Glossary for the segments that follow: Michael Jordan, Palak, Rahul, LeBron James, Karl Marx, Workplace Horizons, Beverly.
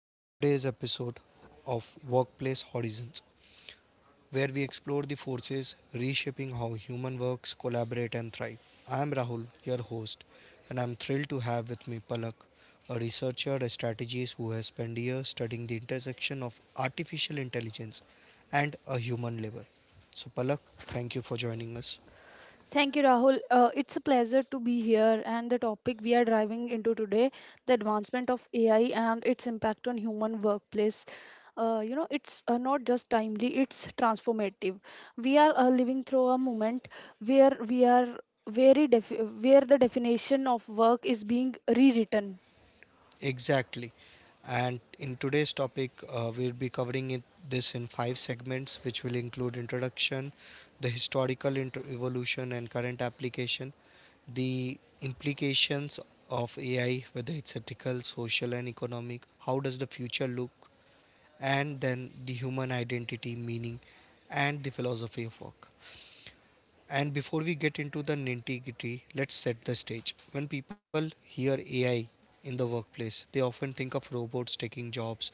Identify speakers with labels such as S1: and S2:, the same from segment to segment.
S1: our today's episode of Workplace Horizons, where we explore the forces reshaping how human works, collaborate, and thrive. I am Rahul, your host, and I'm thrilled to have with me Palak, a researcher and strategist who has spent years studying the intersection of artificial intelligence and a human labor. So, Palak, thank you for joining us.
S2: Thank you, Rahul. It's a pleasure to be here. And the topic we are driving into today, the advancement of AI and its impact on human workplace. You know, it's not just timely, it's transformative. We are living through a moment where we are very def- where the definition of work is being rewritten.
S1: Exactly. And in today's topic, we'll be covering this in five segments, which will include introduction, the historical evolution and current application, the implications of AI, whether it's ethical, social, and economic, how does the future look, and then the human identity, meaning, and the philosophy of work. And before we get into the nitty gritty, let's set the stage. When people hear AI in the workplace, they often think of robots taking jobs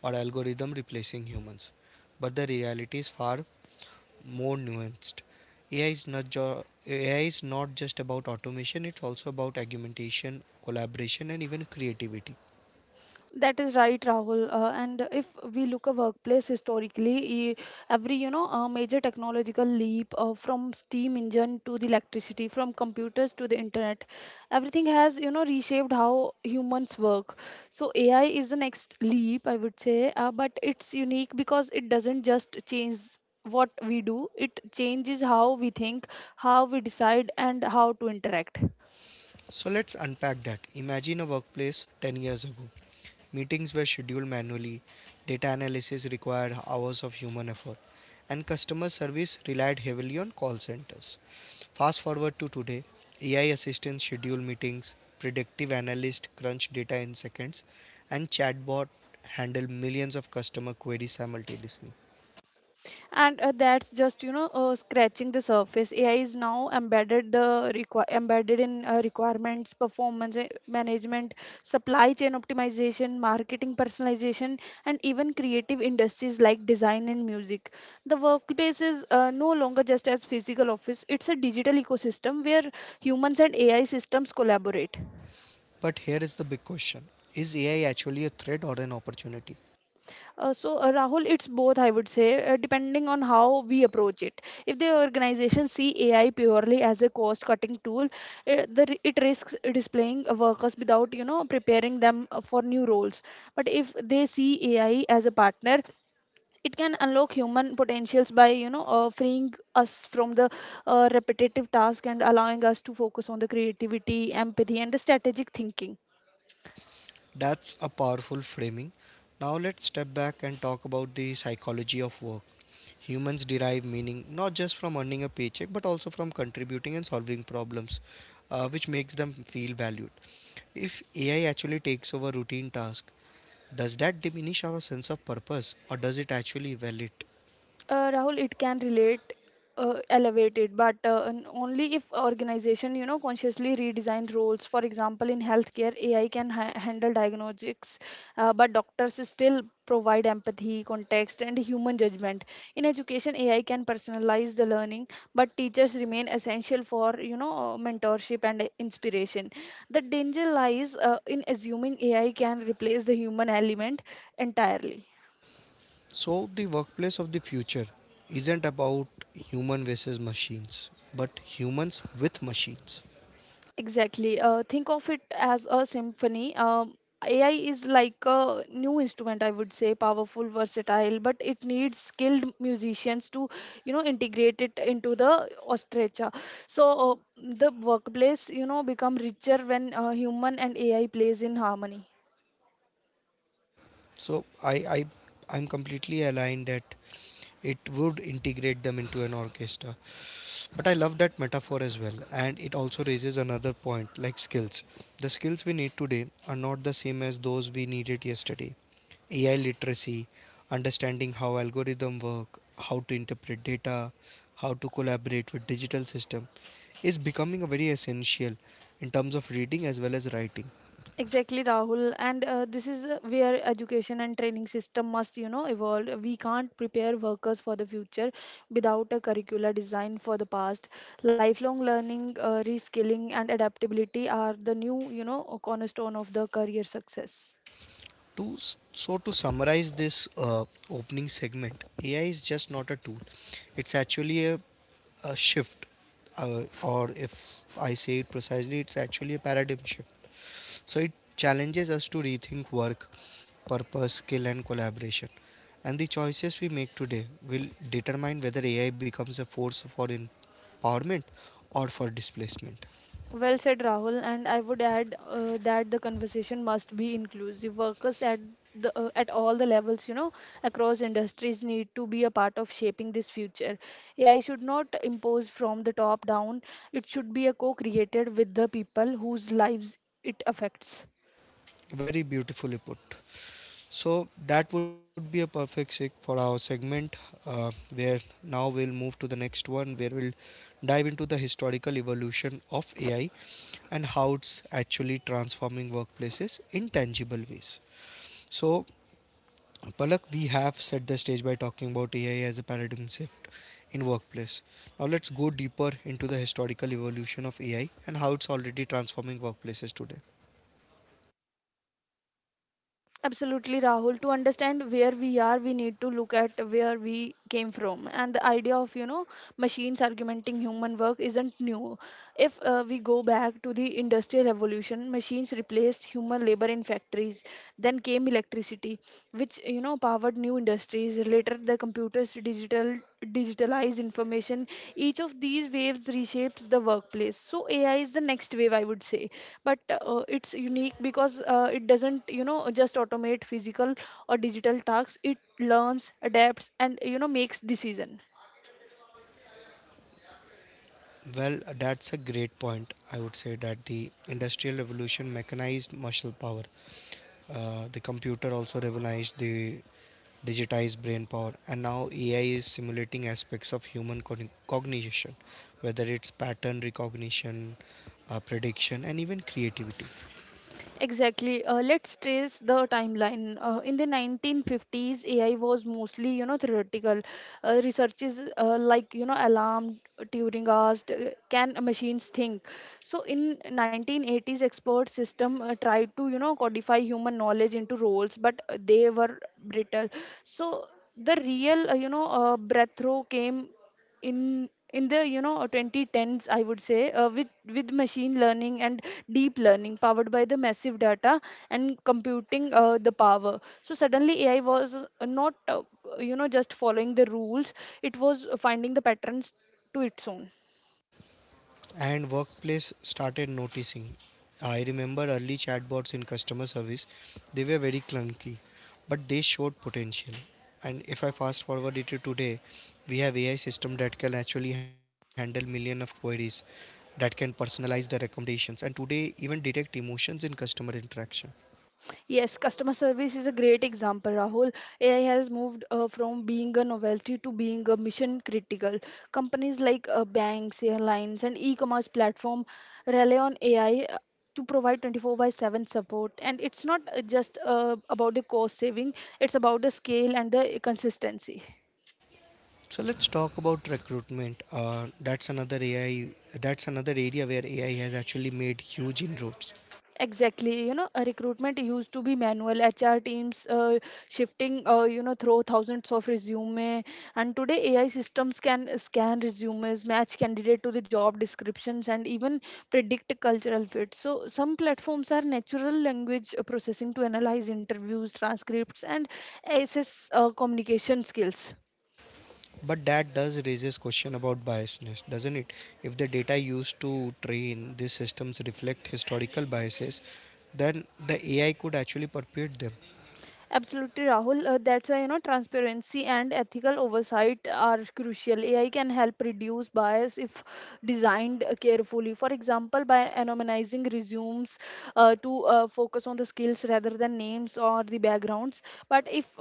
S1: or algorithm replacing humans. But the reality is far more nuanced. AI is not just about automation, it's also about augmentation, collaboration and even creativity.
S2: That is right, Rahul. And if we look at workplace historically, every major technological leap, from steam engine to the electricity, from computers to the internet, everything has reshaped how humans work. So AI is the next leap, I would say, but it's unique because it doesn't just change what we do; it changes how we think, how we decide, and how to interact.
S1: So let's unpack that. Imagine a workplace 10 years ago. Meetings were scheduled manually, data analysis required hours of human effort, and customer service relied heavily on call centers. Fast forward to today, AI assistants schedule meetings, predictive analysts crunch data in seconds, and chatbot handle millions of customer queries simultaneously.
S2: And that's just scratching the surface. AI is now embedded in requirements, performance management, supply chain optimization, marketing personalization, and even creative industries like design and music. The workplace is no longer just as physical office. It's a digital ecosystem where humans and AI systems collaborate.
S1: But here is the big question. Is AI actually a threat or an opportunity?
S2: So, Rahul, it's both, I would say, depending on how we approach it. If the organization see AI purely as a cost-cutting tool, it risks displaying workers without, preparing them for new roles. But if they see AI as a partner, it can unlock human potentials by, freeing us from the repetitive task and allowing us to focus on the creativity, empathy, and the strategic thinking.
S1: That's a powerful framing. Now let's step back and talk about the psychology of work. Humans derive meaning not just from earning a paycheck but also from contributing and solving problems, which makes them feel valued. If AI actually takes over routine tasks, does that diminish our sense of purpose or does it actually well it?
S2: Rahul, it can relate, elevate it, but and only if organization, consciously redesign roles. For example, in healthcare, AI can handle diagnostics, but doctors still provide empathy, context, and human judgment. In education, AI can personalize the learning, but teachers remain essential for, mentorship and inspiration. The danger lies in assuming AI can replace the human element entirely.
S1: So, the workplace of the future isn't about human versus machines, but humans with machines.
S2: Exactly. Think of it as a symphony. AI is like a new instrument, I would say, powerful, versatile, but it needs skilled musicians to, integrate it into the orchestra. So the workplace, become richer when human and AI plays in harmony.
S1: So, I'm completely aligned that it would integrate them into an orchestra, but I love that metaphor as well. And it also raises another point like skills. The skills we need today are not the same as those we needed yesterday. AI literacy, understanding how algorithms work, how to interpret data, how to collaborate with digital system, is becoming a very essential in terms of reading as well as writing.
S2: Exactly, Rahul. And this is where education and training system must, evolve. We can't prepare workers for the future without a curricula designed for the past. Lifelong learning, reskilling, and adaptability are the new, cornerstone of the career success.
S1: So to summarize this opening segment, AI is just not a tool, it's actually a shift, or if I say it precisely, it's actually a paradigm shift. So it challenges us to rethink work, purpose, skill, and collaboration. And the choices we make today will determine whether AI becomes a force for empowerment or for displacement.
S2: Well said, Rahul, and I would add that the conversation must be inclusive. Workers at the at all the levels, across industries need to be a part of shaping this future. AI should not impose from the top down. It should be a co-created with the people whose lives it affects.
S1: Very beautifully put. So that would be a perfect sig for our segment, uh, where now we'll move to the next one, where we'll dive into the historical evolution of AI and how it's actually transforming workplaces in tangible ways. So, Palak, we have set the stage by talking about AI as a paradigm shift in workplace. Now, let's go deeper into the historical evolution of AI and how it's already transforming workplaces today.
S2: Absolutely, Rahul. To understand where we are, we need to look at where we came from. And the idea of, machines augmenting human work isn't new. If we go back to the Industrial Revolution, machines replaced human labor in factories. Then came electricity, which powered new industries. Later, the computers digitalized information. Each of these waves reshapes the workplace. So AI is the next wave, I would say, but it's unique because it doesn't just automate physical or digital tasks. It learns, adapts, and makes decision.
S1: Well, that's a great point. I would say that the industrial revolution mechanized muscle power. The computer also revolutionized the digitize brain power, and now AI is simulating aspects of human cognition, whether it's pattern recognition, prediction, and even creativity.
S2: Exactly. Let's trace the timeline. In the 1950s, AI was mostly, theoretical. Researches like, alarm, Turing asked, can machines think? So in 1980s, expert system tried to, codify human knowledge into roles, but they were brittle. So the real, breakthrough came in the 2010s, I would say, with machine learning and deep learning powered by the massive data and computing the power. So suddenly AI was not just following the rules, it was finding the patterns to its own.
S1: And workplace started noticing. I remember early chatbots in customer service, they were very clunky, but they showed potential. And if I fast forward it to today, we have AI system that can actually handle million of queries, that can personalize the recommendations and today even detect emotions in customer interaction.
S2: Yes, customer service is a great example, Rahul. AI has moved from being a novelty to being a mission critical. Companies like banks, airlines, and e-commerce platform rely on AI to provide 24 by 7 support. And it's not just about the cost saving; it's about the scale and the consistency.
S1: So let's talk about recruitment. That's another area where AI has actually made huge inroads.
S2: Exactly, a recruitment used to be manual. HR teams shifting, through thousands of resume, and today AI systems can scan resumes, match candidate to the job descriptions, and even predict cultural fit. So some platforms are natural language processing to analyze interviews, transcripts, and assess communication skills.
S1: But that does raises question about biasness, doesn't it? If the data used to train these systems reflect historical biases, then the AI could actually perpetuate them.
S2: Absolutely, Rahul. That's why transparency and ethical oversight are crucial. AI can help reduce bias if designed carefully. For example, by anonymizing resumes to focus on the skills rather than names or the backgrounds. But if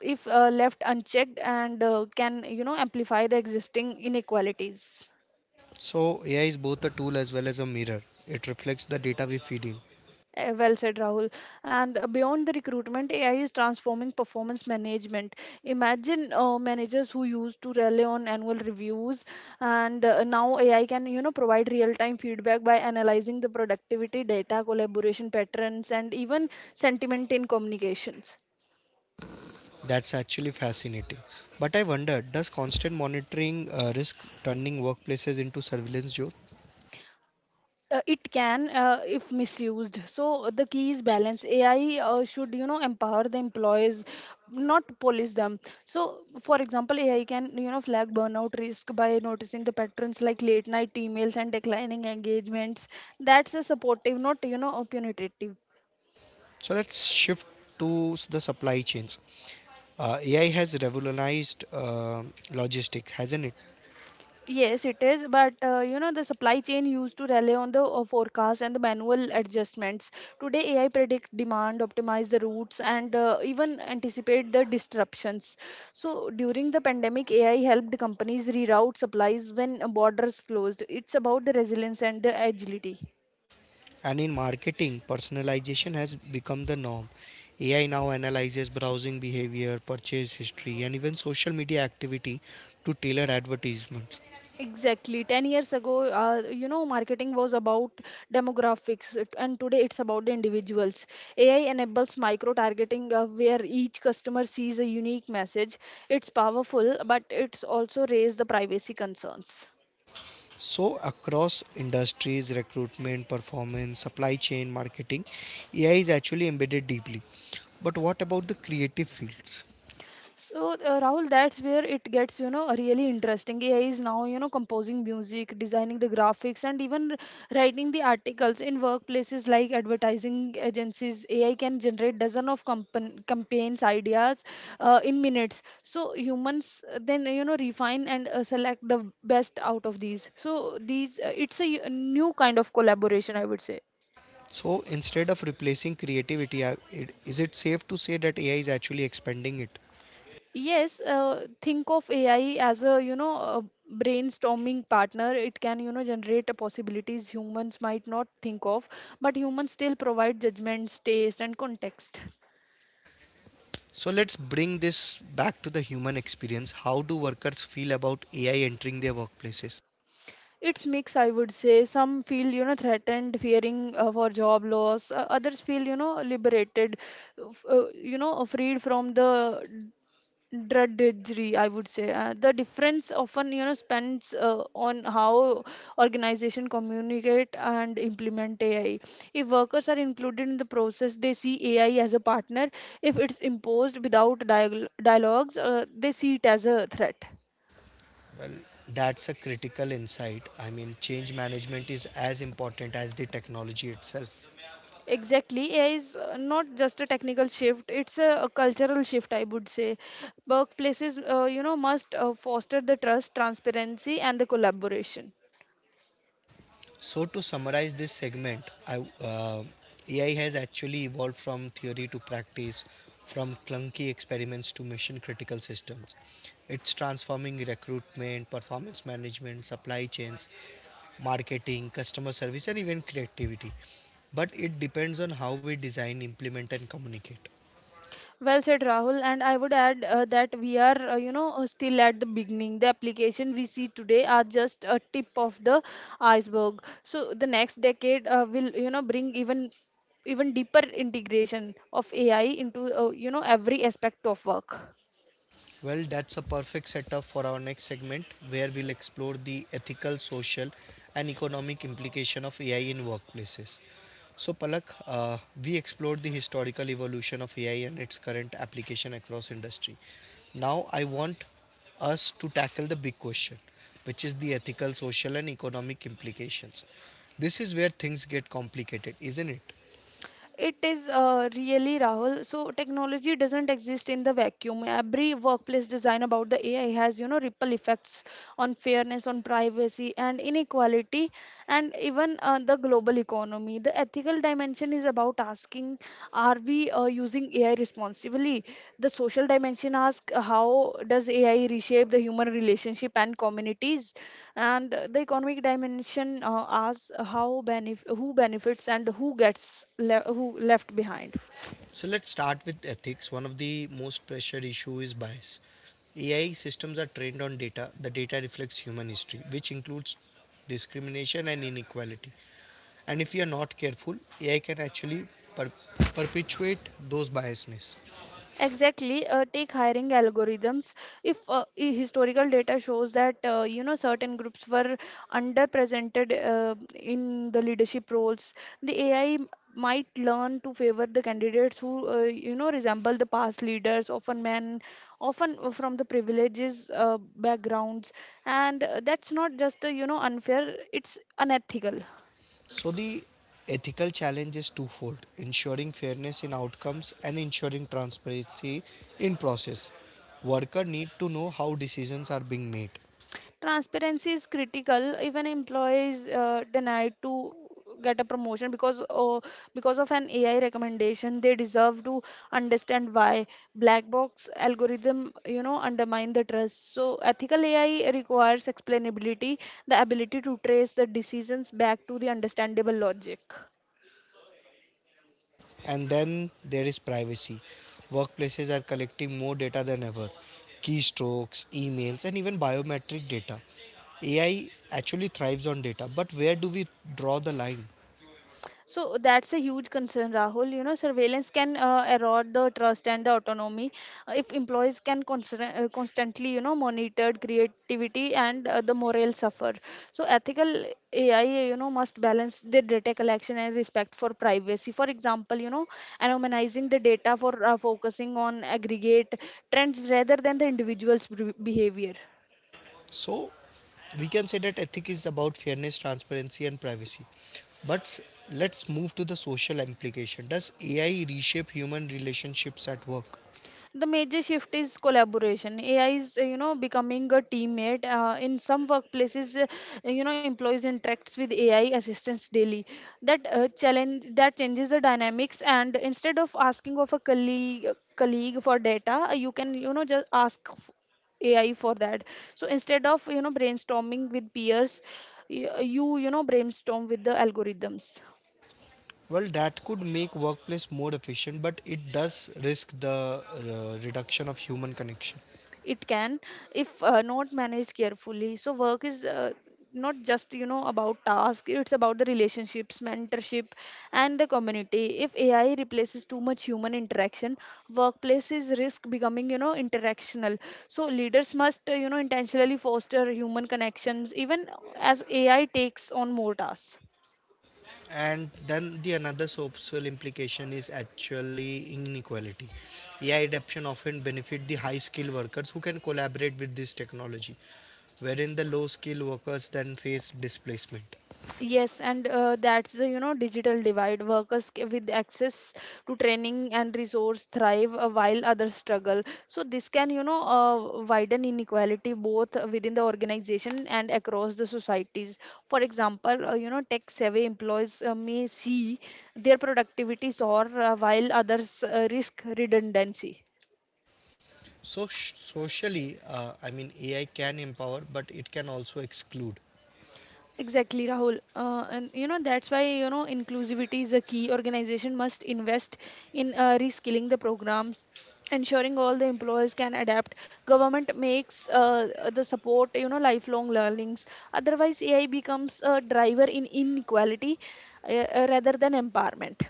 S2: if uh, left unchecked and can amplify the existing inequalities.
S1: So AI is both a tool as well as a mirror. It reflects the data we feed in.
S2: Well said, Rahul. And beyond the recruitment, AI is transforming performance management. Imagine managers who used to rely on annual reviews, and now AI can, provide real-time feedback by analyzing the productivity data, collaboration patterns, and even sentiment in communications.
S1: That's actually fascinating. But I wonder, does constant monitoring risk turning workplaces into surveillance zone?
S2: It can if misused. So the key is balance. AI should empower the employees, not police them. So for example, AI can flag burnout risk by noticing the patterns like late night emails and declining engagements. That's a supportive, not a punitive.
S1: So let's shift to the supply chains. AI has revolutionized logistics, hasn't it?
S2: Yes, it is, but the supply chain used to rely on the forecast and the manual adjustments. Today, AI predict demand, optimize the routes, and even anticipate the disruptions. So, during the pandemic, AI helped companies reroute supplies when borders closed. It's about the resilience and the agility.
S1: And in marketing, personalization has become the norm. AI now analyzes browsing behavior, purchase history, and even social media activity to tailor advertisements.
S2: Exactly. 10 years ago, marketing was about demographics, and today it's about the individuals. AI enables micro targeting where each customer sees a unique message. It's powerful, but it's also raised the privacy concerns.
S1: So, across industries, recruitment, performance, supply chain, marketing, AI is actually embedded deeply. But what about the creative fields?
S2: So, Rahul, that's where it gets, really interesting. AI is now, composing music, designing the graphics, and even writing the articles in workplaces like advertising agencies. AI can generate dozen of compan campaigns ideas in minutes. So humans then, refine and select the best out of these. So these, it's a new kind of collaboration, I would say.
S1: So instead of replacing creativity, is it safe to say that AI is actually expanding it?
S2: Yes, think of AI as a, a brainstorming partner. It can, generate possibilities humans might not think of, but humans still provide judgments, taste, and context.
S1: So let's bring this back to the human experience. How do workers feel about AI entering their workplaces?
S2: It's mix, I would say. Some feel, threatened, fearing for job loss. Others feel, liberated, freed from the drudgery, I would say. The difference often spends on how organization communicate and implement AI. If workers are included in the process, they see AI as a partner. If it's imposed without dialogues, they see it as a threat.
S1: Well, that's a critical insight. I mean, change management is as important as the technology itself.
S2: Exactly, AI is not just a technical shift, it's a cultural shift, I would say. Workplaces must foster the trust, transparency, and the collaboration.
S1: So to summarize this segment, uh, AI has actually evolved from theory to practice, from clunky experiments to mission-critical systems. It's transforming recruitment, performance management, supply chains, marketing, customer service, and even creativity. But it depends on how we design, implement, and communicate.
S2: Well said, Rahul. And I would add that we are, still at the beginning. The application we see today are just a tip of the iceberg. So the next decade will, bring even deeper integration of AI into, every aspect of work.
S1: Well, that's a perfect setup for our next segment where we'll explore the ethical, social, and economic implication of AI in workplaces. So, Palak, we explored the historical evolution of AI and its current application across industry. Now, I want us to tackle the big question, which is the ethical, social, and economic implications. This is where things get complicated, isn't it?
S2: It is really, Rahul. So technology doesn't exist in the vacuum. Every workplace design about the AI has, ripple effects on fairness, on privacy, and inequality, and even the global economy. The ethical dimension is about asking are we using AI responsibly? The social dimension asks how does AI reshape the human relationship and communities, and the economic dimension asks how who benefits and who gets who left behind.
S1: So let's start with ethics. One of the most pressured issue is bias. AI systems are trained on data. The data reflects human history, which includes discrimination and inequality. And if you are not careful, AI can actually per- perpetuate those biasness.
S2: Exactly, take hiring algorithms. If historical data shows that certain groups were underrepresented in the leadership roles, the AI m- might learn to favor the candidates who resemble the past leaders, often men, often from the privileges backgrounds, and that's not just unfair; it's unethical.
S1: So the ethical challenge is twofold: ensuring fairness in outcomes and ensuring transparency in process. Workers need to know how decisions are being made.
S2: Transparency is critical. Even employees denied to get a promotion because of an AI recommendation, they deserve to understand why. Black box algorithm undermine the trust. So ethical AI requires explainability, the ability to trace the decisions back to the understandable logic.
S1: And then there is privacy. Workplaces are collecting more data than ever, keystrokes, emails, and even biometric data. AI actually thrives on data, but where do we draw the line?
S2: So that's a huge concern, Rahul. You know, surveillance can erode the trust and the autonomy if employees can constantly, you know, monitored creativity and the morale suffer. So ethical AI, you know, must balance the data collection and respect for privacy. For example, you know, anonymizing the data for focusing on aggregate trends rather than the individual's behavior.
S1: So, we can say that ethic is about fairness, transparency, and privacy. But s- let's move to the social implication. Does AI reshape human relationships at work?
S2: The major shift is collaboration. AI is, you know, becoming a teammate in some workplaces. You know, employees interacts with AI assistants daily that challenge that changes the dynamics, and instead of asking of a colleague for data, you can, you know, just AI for that. So instead of, you know, brainstorming with peers, you know, brainstorm with the algorithms.
S1: Well, that could make workplace more efficient, but it does risk the reduction of human connection.
S2: It can, if not managed carefully. So work is, not just, you know, about task, it's about the relationships, mentorship, and the community. If AI replaces too much human interaction, workplaces risk becoming, you know, interactional. So leaders must, you know, intentionally foster human connections even as AI takes on more tasks.
S1: And then the another social implication is actually inequality. AI adoption often benefit the high skilled workers who can collaborate with this technology, wherein the low skilled workers then face displacement.
S2: Yes, and that's the, you know, digital divide. Workers with access to training and resource thrive while others struggle. So this can, you know, widen inequality both within the organization and across the societies. For example, you know, tech savvy employees may see their productivity soar while others risk redundancy.
S1: So socially, I mean AI can empower but it can also exclude.
S2: Exactly, Rahul. And you know, that's why, you know, inclusivity is a key. Organization must invest in reskilling the programs, ensuring all the employers can adapt. Government makes the support, you know, lifelong learnings. Otherwise, AI becomes a driver in inequality rather than empowerment.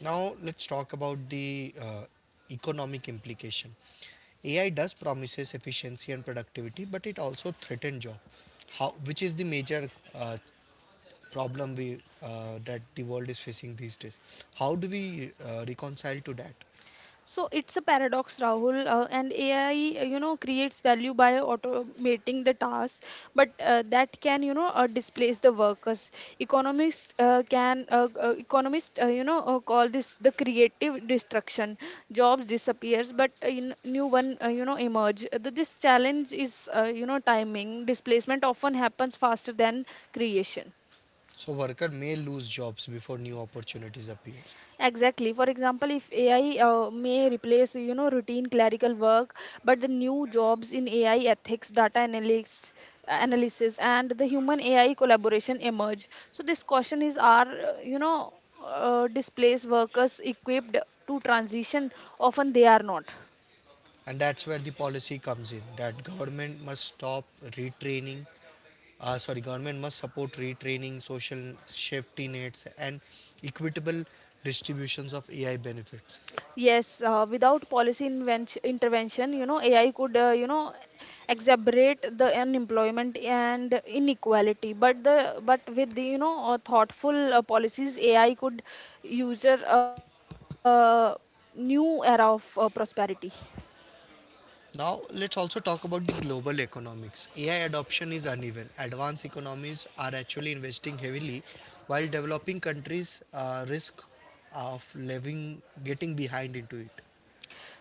S1: Now let's talk about the economic implication. AI does promises efficiency and productivity but it also threatens job, how, which is the major, uh, problem we that the world is facing these days. How do we reconcile to that?
S2: So it's a paradox, Rahul. And AI, you know, creates value by automating the tasks, but that can, you know, displace the workers. Economists, you know, call this the creative destruction. Jobs disappears, but in new one, you know, emerge. This challenge is, you know, timing. Displacement often happens faster than creation.
S1: So worker may lose jobs before new opportunities appear.
S2: Exactly. For example, if AI may replace, you know, routine clerical work, but the new jobs in AI ethics, data analytics, analysis, and the human AI collaboration emerge. So this question is: are, you know, displaced workers equipped to transition? Often they are not.
S1: And that's where the policy comes in, that retraining government must support retraining, social safety nets and equitable distributions of AI benefits.
S2: Yes, without intervention, you know, AI could, you know, exacerbate the unemployment and inequality. But with the, you know, thoughtful policies, AI could user a new era of prosperity.
S1: Now, let's also talk about the global economics. AI adoption is uneven. Advanced economies are actually investing heavily, while developing countries risk of living getting behind into it.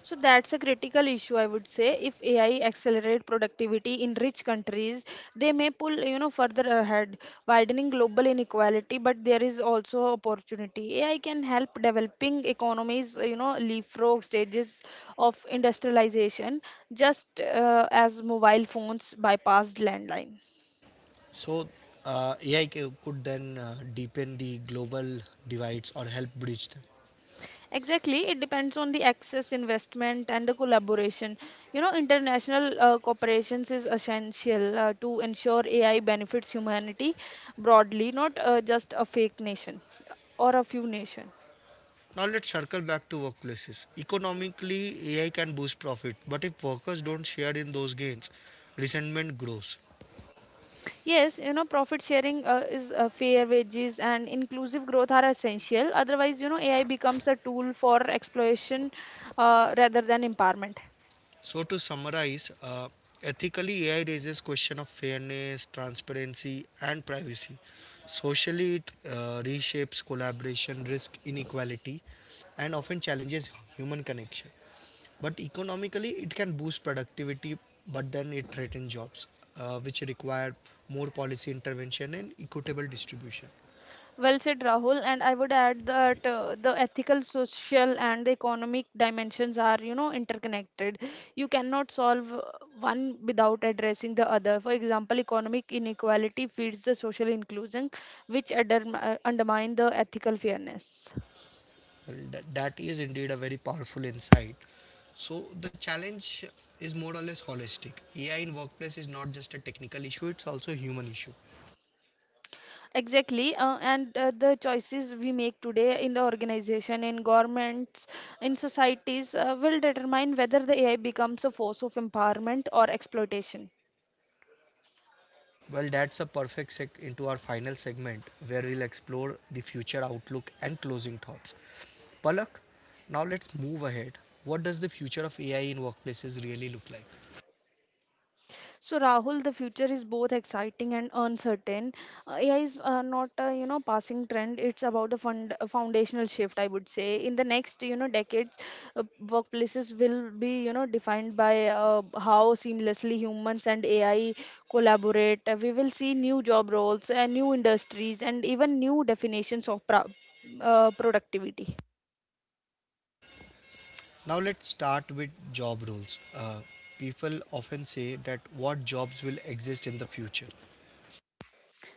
S2: So that's a critical issue, I would say. If AI accelerate productivity in rich countries, they may pull, you know, further ahead, widening global inequality. But there is also opportunity. AI can help developing economies, you know, leapfrog stages of industrialization, just as mobile phones bypassed landline.
S1: So, could then deepen the global divides or help bridge them.
S2: Exactly, it depends on the access, investment, and the collaboration. You know, international cooperations is essential to ensure AI benefits humanity broadly, not just a fake nation or a few nation.
S1: Now, let's circle back to workplaces. Economically, AI can boost profit, but if workers don't share in those gains, resentment grows.
S2: Yes, you know, profit sharing is fair wages and inclusive growth are essential. Otherwise, you know, AI becomes a tool for exploitation rather than empowerment.
S1: So to summarize, ethically AI raises question of fairness, transparency, and privacy. Socially, it reshapes collaboration, risk inequality, and often challenges human connection. But economically, it can boost productivity, but then it threatens jobs, which require more policy intervention and equitable distribution.
S2: Well said, Rahul. And I would add that the ethical, social, and the economic dimensions are, you know, interconnected. You cannot solve one without addressing the other. For example, economic inequality feeds the social inclusion, which undermine the ethical fairness.
S1: Well, that is indeed a very powerful insight. So the challenge is more or less holistic. AI in workplace is not just a technical issue, it's also a human issue.
S2: Exactly, and the choices we make today in the organization, in governments, in societies will determine whether the AI becomes a force of empowerment or exploitation.
S1: Well, that's a perfect seg into our final segment where we'll explore the future outlook and closing thoughts. Palak, now let's move ahead. What does the future of AI in workplaces really look like?
S2: So Rahul, the future is both exciting and uncertain. AI is, not a, you know, passing trend. It's about a fund a foundational shift, I would say. In the next, you know, decades, workplaces will be, you know, defined by how seamlessly humans and AI collaborate. We will see new job roles, new industries, and even new definitions of productivity.
S1: Now let's start with job roles. Uh, people often say that what jobs will exist in the future.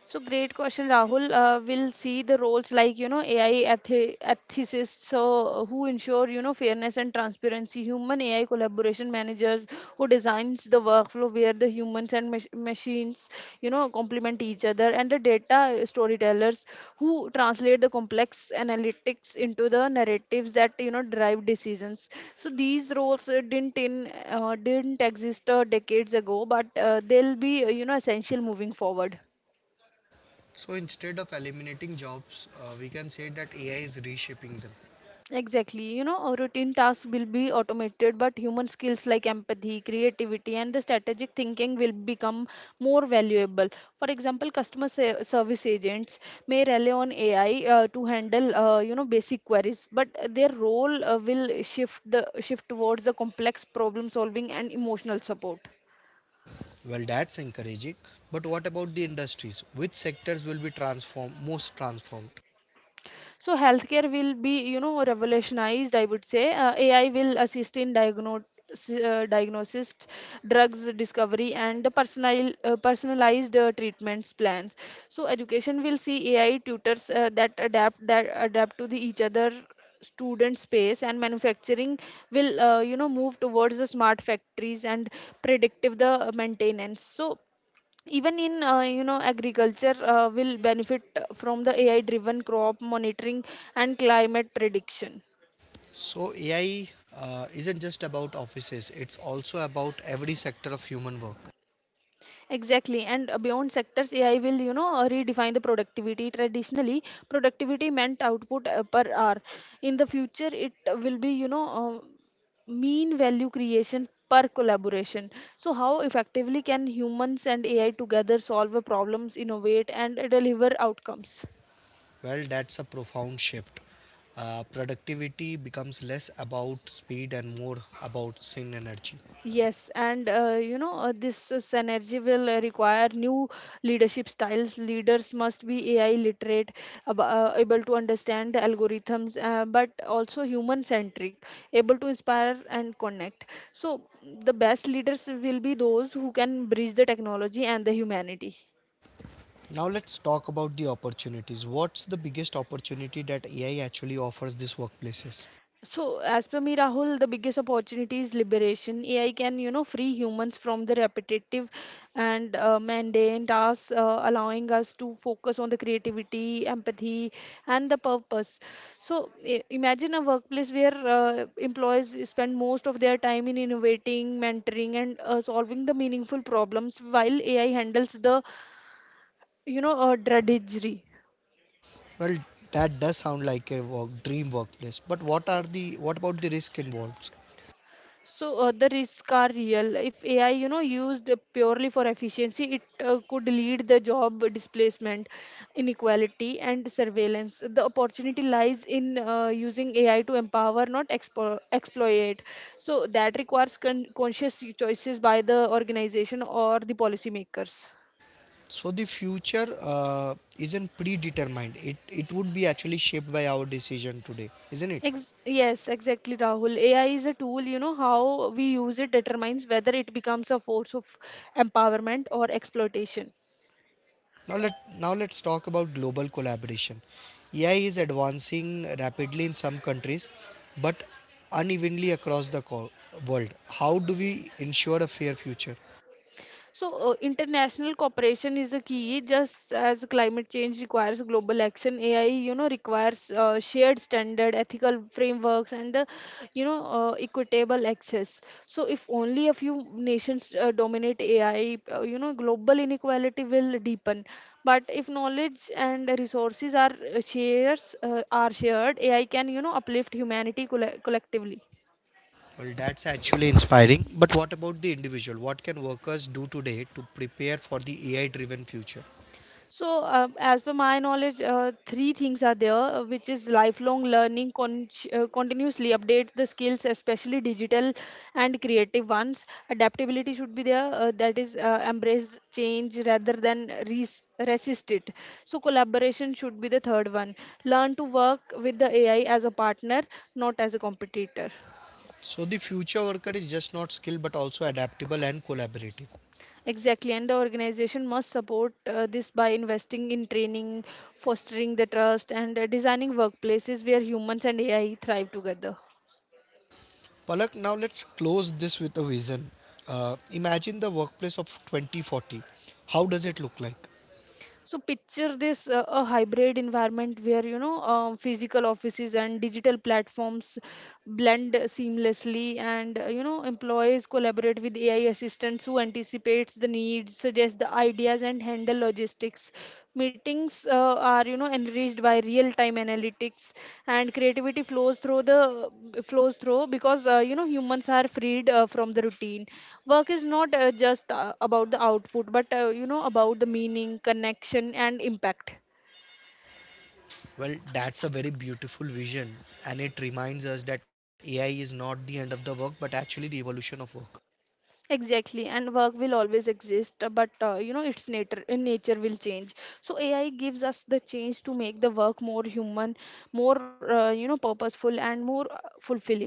S2: So great question, Rahul. We'll see the roles like, you know, AI ethicists, so who ensure, you know, fairness and transparency. Human AI collaboration managers who designs the workflow where the humans and machines, you know, complement each other, and the data storytellers who translate the complex analytics into the narratives that, you know, drive decisions. So these roles didn't exist decades ago, but they'll be, you know, essential moving forward.
S1: So instead of eliminating jobs, we can say that AI is reshaping them.
S2: Exactly. You know, our routine tasks will be automated, but human skills like empathy, creativity, and the strategic thinking will become more valuable. For example, customer service agents may rely on AI to handle, you know, basic queries, but their role will shift the shift towards the complex problem solving and emotional support.
S1: Well, that's encouraging. But what about the industries? Which sectors will be transformed, most transformed?
S2: So healthcare will be, you know, revolutionized, I would say. AI will assist in diagnosis, drugs discovery, and the personalized treatments plans. So education will see AI tutors that adapt to the each other student space, and manufacturing will, you know, move towards the smart factories and predictive the maintenance. So even in, you know, agriculture will benefit from the AI driven crop monitoring and climate prediction.
S1: So AI isn't just about offices; it's also about every sector of human work.
S2: Exactly, and beyond sectors, AI will, you know, redefine the productivity. Traditionally productivity meant output per hour. In the future it will be, you know, mean value creation per collaboration. So how effectively can humans and AI together solve a problems, innovate, and deliver outcomes?
S1: Well, that's a profound shift. Productivity becomes less about speed and more about sin energy.
S2: Yes, and you know, this synergy will require new leadership styles. Leaders must be AI literate, able to understand the algorithms, but also human centric, able to inspire and connect. So, the best leaders will be those who can bridge the technology and the humanity.
S1: Now let's talk about the opportunities. What's the biggest opportunity that AI actually offers these workplaces?
S2: So, as per me, Rahul, the biggest opportunity is liberation. AI can, you know, free humans from the repetitive and mundane tasks, allowing us to focus on the creativity, empathy, and the purpose. So, imagine a workplace where employees spend most of their time in innovating, mentoring, and solving the meaningful problems, while AI handles the, you know, drudgery.
S1: Well, that does sound like a dream workplace. But what about the risk involved?
S2: So the risks are real. If AI, you know, used purely for efficiency, it could lead the job displacement, inequality, and surveillance. The opportunity lies in using AI to empower, not exploit. So that requires conscious choices by the organization or the policymakers.
S1: So the future isn't predetermined. It would be actually shaped by our decision today, isn't it?
S2: Yes, exactly, Rahul. AI is a tool, you know, how we use it determines whether it becomes a force of empowerment or exploitation.
S1: Now let Now let's talk about global collaboration. AI is advancing rapidly in some countries, but unevenly across the world. How do we ensure a fair future?
S2: So, international cooperation is a key, just as climate change requires global action. AI, you know, requires shared standard, ethical frameworks, and you know, equitable access. So, if only a few nations dominate AI, you know, global inequality will deepen. But if knowledge and resources are shares are shared, AI can, you know, uplift humanity collectively.
S1: Well, that's actually inspiring. But what about the individual? What can workers do today to prepare for the AI driven future?
S2: So, as per my knowledge, three things are there, which is lifelong learning, continuously update the skills, especially digital and creative ones. Adaptability should be there, that is, embrace change rather than resist it. So, collaboration should be the third one. Learn to work with the AI as a partner, not as a competitor.
S1: So, the future worker is just not skilled but also adaptable and collaborative.
S2: Exactly, and the organization must support this by investing in training, fostering the trust, and designing workplaces where humans and AI thrive together.
S1: Palak, now let's close this with a vision. Imagine the workplace of 2040. How does it look like?
S2: So picture this, a hybrid environment where, you know, physical offices and digital platforms blend seamlessly, and you know, employees collaborate with AI assistants who anticipates the needs, suggests the ideas, and handle logistics. Meetings are, you know, enriched by real-time analytics, and creativity flows through because, you know, humans are freed from the routine. Work is not, just about the output, but, you know, about the meaning, connection, and impact.
S1: Well, that's a very beautiful vision, and it reminds us that AI is not the end of the work but actually the evolution of work.
S2: Exactly, and work will always exist, but, you know, its nature will change. So AI gives us the change to make the work more human, more you know, purposeful, and more fulfilling.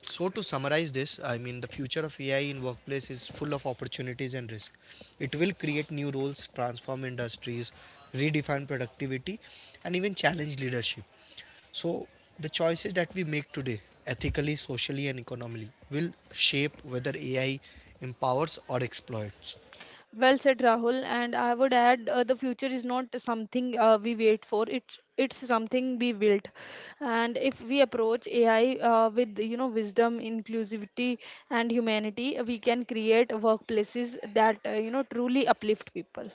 S1: So to summarize this, I mean the future of AI in workplace is full of opportunities and risk. It will create new roles, transform industries, redefine productivity and even challenge leadership. So the choices that we make today, ethically, socially and economically, will shape whether AI empowers or exploits.
S2: Well said, Rahul. And I would add, the future is not something we wait for. It's something we built. And if we approach AI, with, you know, wisdom, inclusivity, and humanity, we can create workplaces that, you know, truly uplift people.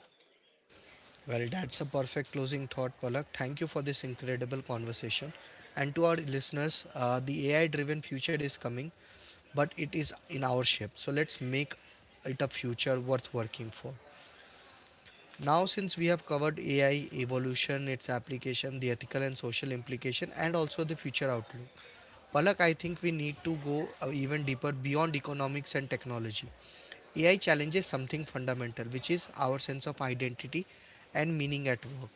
S1: Well, that's a perfect closing thought, Palak. Thank you for this incredible conversation. And to our listeners, the AI driven future is coming, but it is in our shape. So let's make it a future worth working for. Now, since we have covered AI evolution, its application, the ethical and social implication, and also the future outlook, Palak, I think we need to go even deeper beyond economics and technology. AI challenges something fundamental, which is our sense of identity and meaning at work.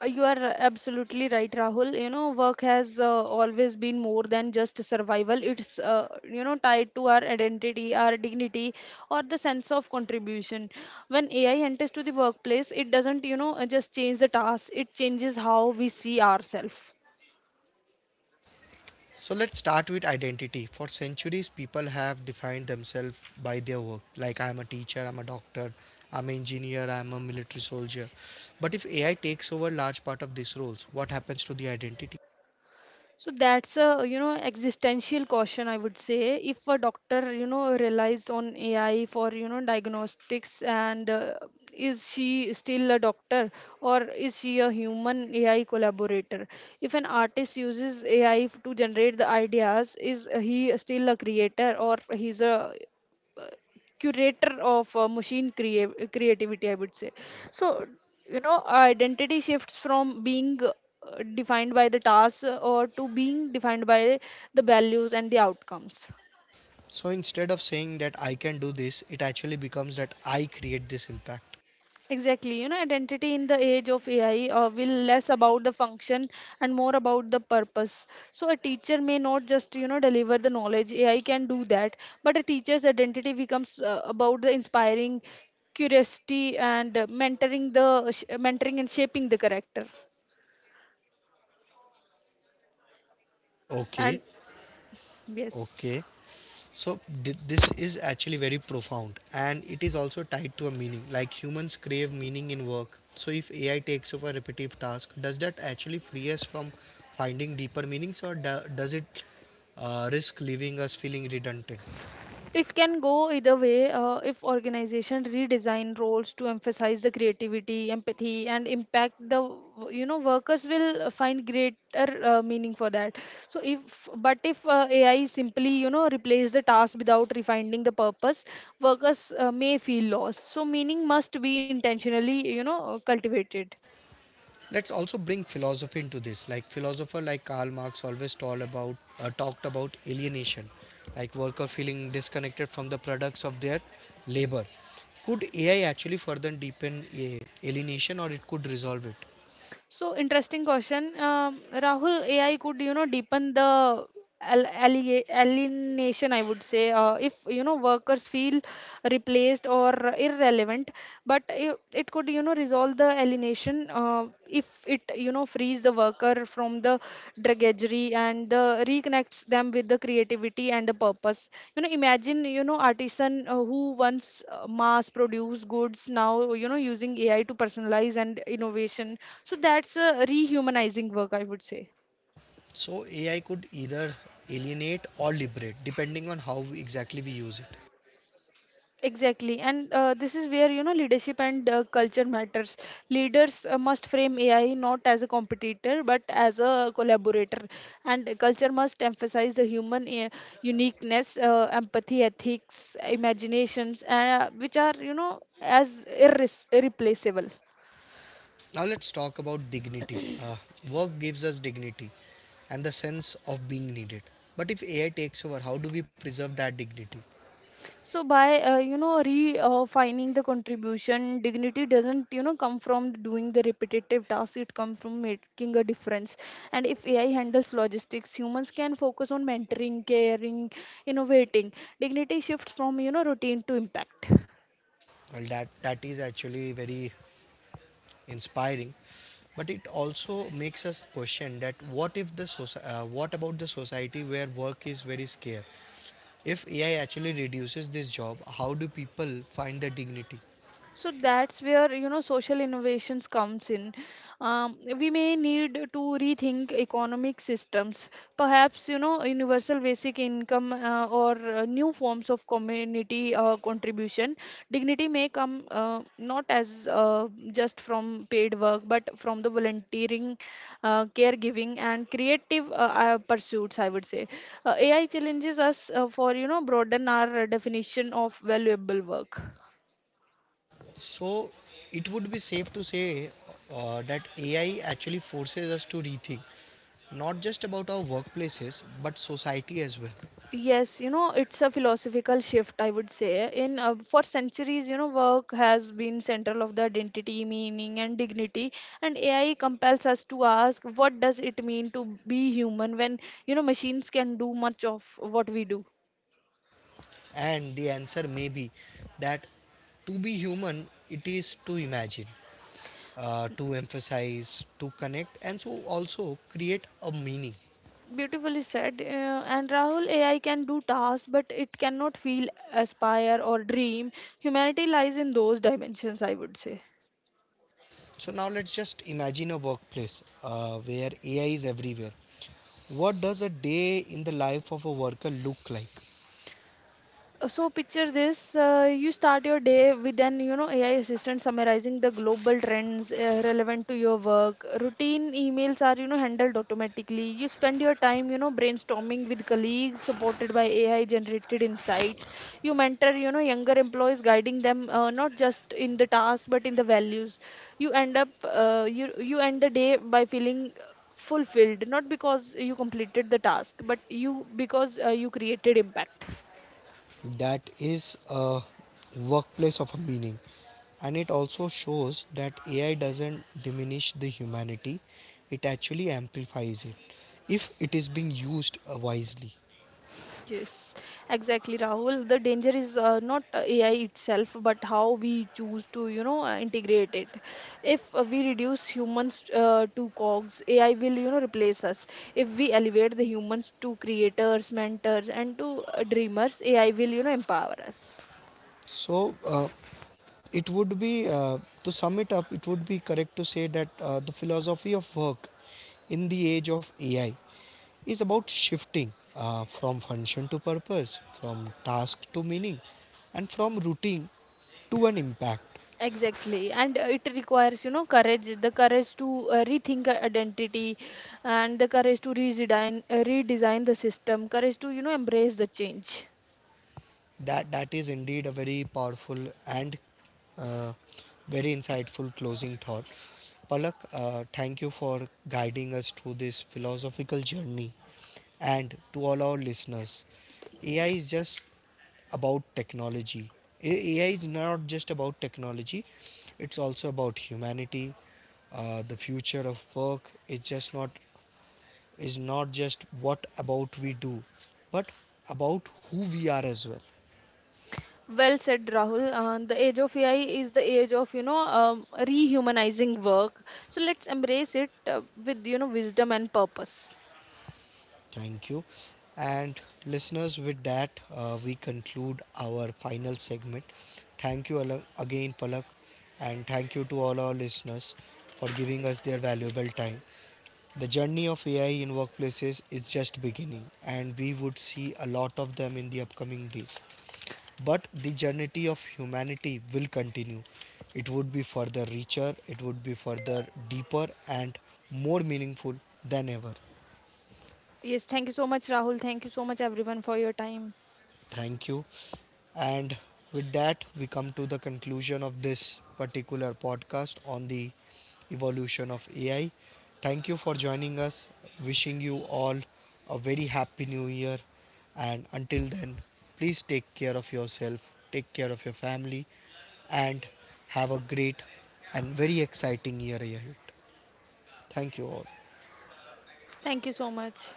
S2: You are absolutely right, Rahul. You know, work has always been more than just survival. It's, you know, tied to our identity, our dignity, or the sense of contribution. When AI enters to the workplace, it doesn't, just change the task, it changes how we see ourselves.
S1: So let's start with identity. For centuries, people have defined themselves by their work. Like, I'm a teacher, I'm a doctor, I'm an engineer, I'm a military soldier. But if AI takes over large part of these roles, what happens to the identity?
S2: So that's a existential caution, I would say. If a doctor relies on AI for diagnostics and is she still a doctor or is she a human AI collaborator? If an artist uses AI to generate the ideas, is he still a creator or he's a curator of creativity, I would say. So, Identity shifts from being defined by the task or to being defined by the values and the outcomes.
S1: So instead of saying that I can do this, it actually becomes that I create this impact.
S2: Exactly. You know, identity in the age of AI will less about the function and more about the purpose. So a teacher may not just, you know, deliver the knowledge. AI can do that. But a teacher's identity becomes about the inspiring curiosity and mentoring and shaping the character. And
S1: Okay,
S2: yes.
S1: okay. So this is actually very profound and it is also tied to a meaning. Like humans crave meaning in work. So if AI takes over repetitive tasks, does that actually free us from finding deeper meanings or does it risk leaving us feeling redundant?
S2: It can go either way, if organization redesign roles to emphasize the creativity, empathy, and impact. The, you know, workers will find greater meaning for that. So if but if AI simply, you know, replace the task without refining the purpose, workers may feel lost. So meaning must be intentionally, you know, cultivated.
S1: Let's also bring philosophy into this. Like philosopher like Karl Marx always told about talked about alienation, like worker feeling disconnected from the products of their labor. Could AI actually further deepen a alienation or it could resolve it?
S2: So interesting question, Rahul. AI could, you know, deepen the alienation, I would say, if you know workers feel replaced or irrelevant. But it could, you know, resolve the alienation if it, you know, frees the worker from the drudgery and the reconnects them with the creativity and the purpose. You know, imagine, you know, artisan who once mass produced goods, now, you know, using AI to personalize and innovation. So that's a rehumanizing work, I would say.
S1: So AI could either alienate or liberate depending on exactly we use it.
S2: Exactly, and this is where, you know, leadership and culture matters. Leaders must frame AI not as a competitor but as a collaborator, and culture must emphasize the human uniqueness, empathy, ethics, imaginations, which are, you know, as irreplaceable.
S1: Now let's talk about dignity. Work gives us dignity and the sense of being needed. But if AI takes over, how do we preserve that dignity?
S2: So by, you know, refining the contribution, dignity doesn't, you know, come from doing the repetitive tasks. It comes from making a difference, and if AI handles logistics, humans can focus on mentoring, caring, innovating. Dignity shifts from, you know, routine to impact.
S1: Well, that is actually very inspiring, but it also makes us question that what if the what about the society where work is very scarce? If AI actually reduces this job, how do people find their dignity?
S2: So that's where, you know, social innovations comes in. We may need to rethink economic systems, perhaps, you know, universal basic income or new forms of community contribution. Dignity may come not as just from paid work, but from the volunteering, caregiving, and creative pursuits, I would say. AI challenges us for, you know, broaden our definition of valuable work.
S1: So it would be safe to say that AI actually forces us to rethink not just about our workplaces but society as well.
S2: Yes, you know, it's a philosophical shift, I would say. In For centuries, you know, work has been central of the identity, meaning, and dignity. And AI compels us to ask, what does it mean to be human when, you know, machines can do much of what we do?
S1: And the answer may be that to be human, it is to imagine. To emphasize, to connect, and so also create a meaning.
S2: Beautifully said. And Rahul, AI can do tasks, but it cannot feel, aspire, or dream. Humanity lies in those dimensions, I would say.
S1: So now let's just imagine a workplace where AI is everywhere. What does a day in the life of a worker look like?
S2: So picture this. You start your day with an, you know, AI assistant summarizing the global trends relevant to your work. Routine emails are, you know, handled automatically. You spend your time, you know, brainstorming with colleagues supported by AI generated insights. You mentor, you know, younger employees, guiding them not just in the task but in the values. You end the day by feeling fulfilled, not because you completed the task, but you because you created impact.
S1: That is a workplace of a meaning. And it also shows that AI doesn't diminish the humanity, it actually amplifies it if it is being used wisely.
S2: Yes, exactly, Rahul. The danger is not AI itself, but how we choose to, you know, integrate it. If we reduce humans to cogs, AI will, you know, replace us. If we elevate the humans to creators, mentors, and to dreamers, AI will, you know, empower us.
S1: So, uh, it would be to sum it up, it would be correct to say that the philosophy of work in the age of ai is about shifting from function to purpose, from task to meaning, and from routine to an impact.
S2: Exactly, and it requires, you know, courage, the courage to rethink our identity and the courage to redesign, redesign the system, courage to, you know, embrace the change.
S1: That is indeed a very powerful and uh, very insightful closing thought. Palak, thank you for guiding us through this philosophical journey. And to all our listeners, AI is just about technology. AI is not just about technology, it's also about humanity. The future of work is just not is not just what about we do, but about who we are as well.
S2: Well said, Rahul. The age of AI is the age of, you know, rehumanizing work. So let's embrace it with, you know, wisdom and purpose.
S1: Thank you. And listeners, with that, we conclude our final segment. Thank you again, Palak, and thank you to all our listeners for giving us their valuable time. The journey of AI in workplaces is just beginning, and we would see a lot of them in the upcoming days. But the journey of humanity will continue. It would be further richer, it would be further deeper, and more meaningful than ever.
S2: Yes, thank you so much, Rahul. Thank you so much, everyone, for your time.
S1: Thank you. And with that, we come to the conclusion of this particular podcast on the evolution of AI. Thank you for joining us. Wishing you all a very happy new year. And until then, please take care of yourself, take care of your family, and have a great and very exciting year ahead. Thank you all.
S2: Thank you so much.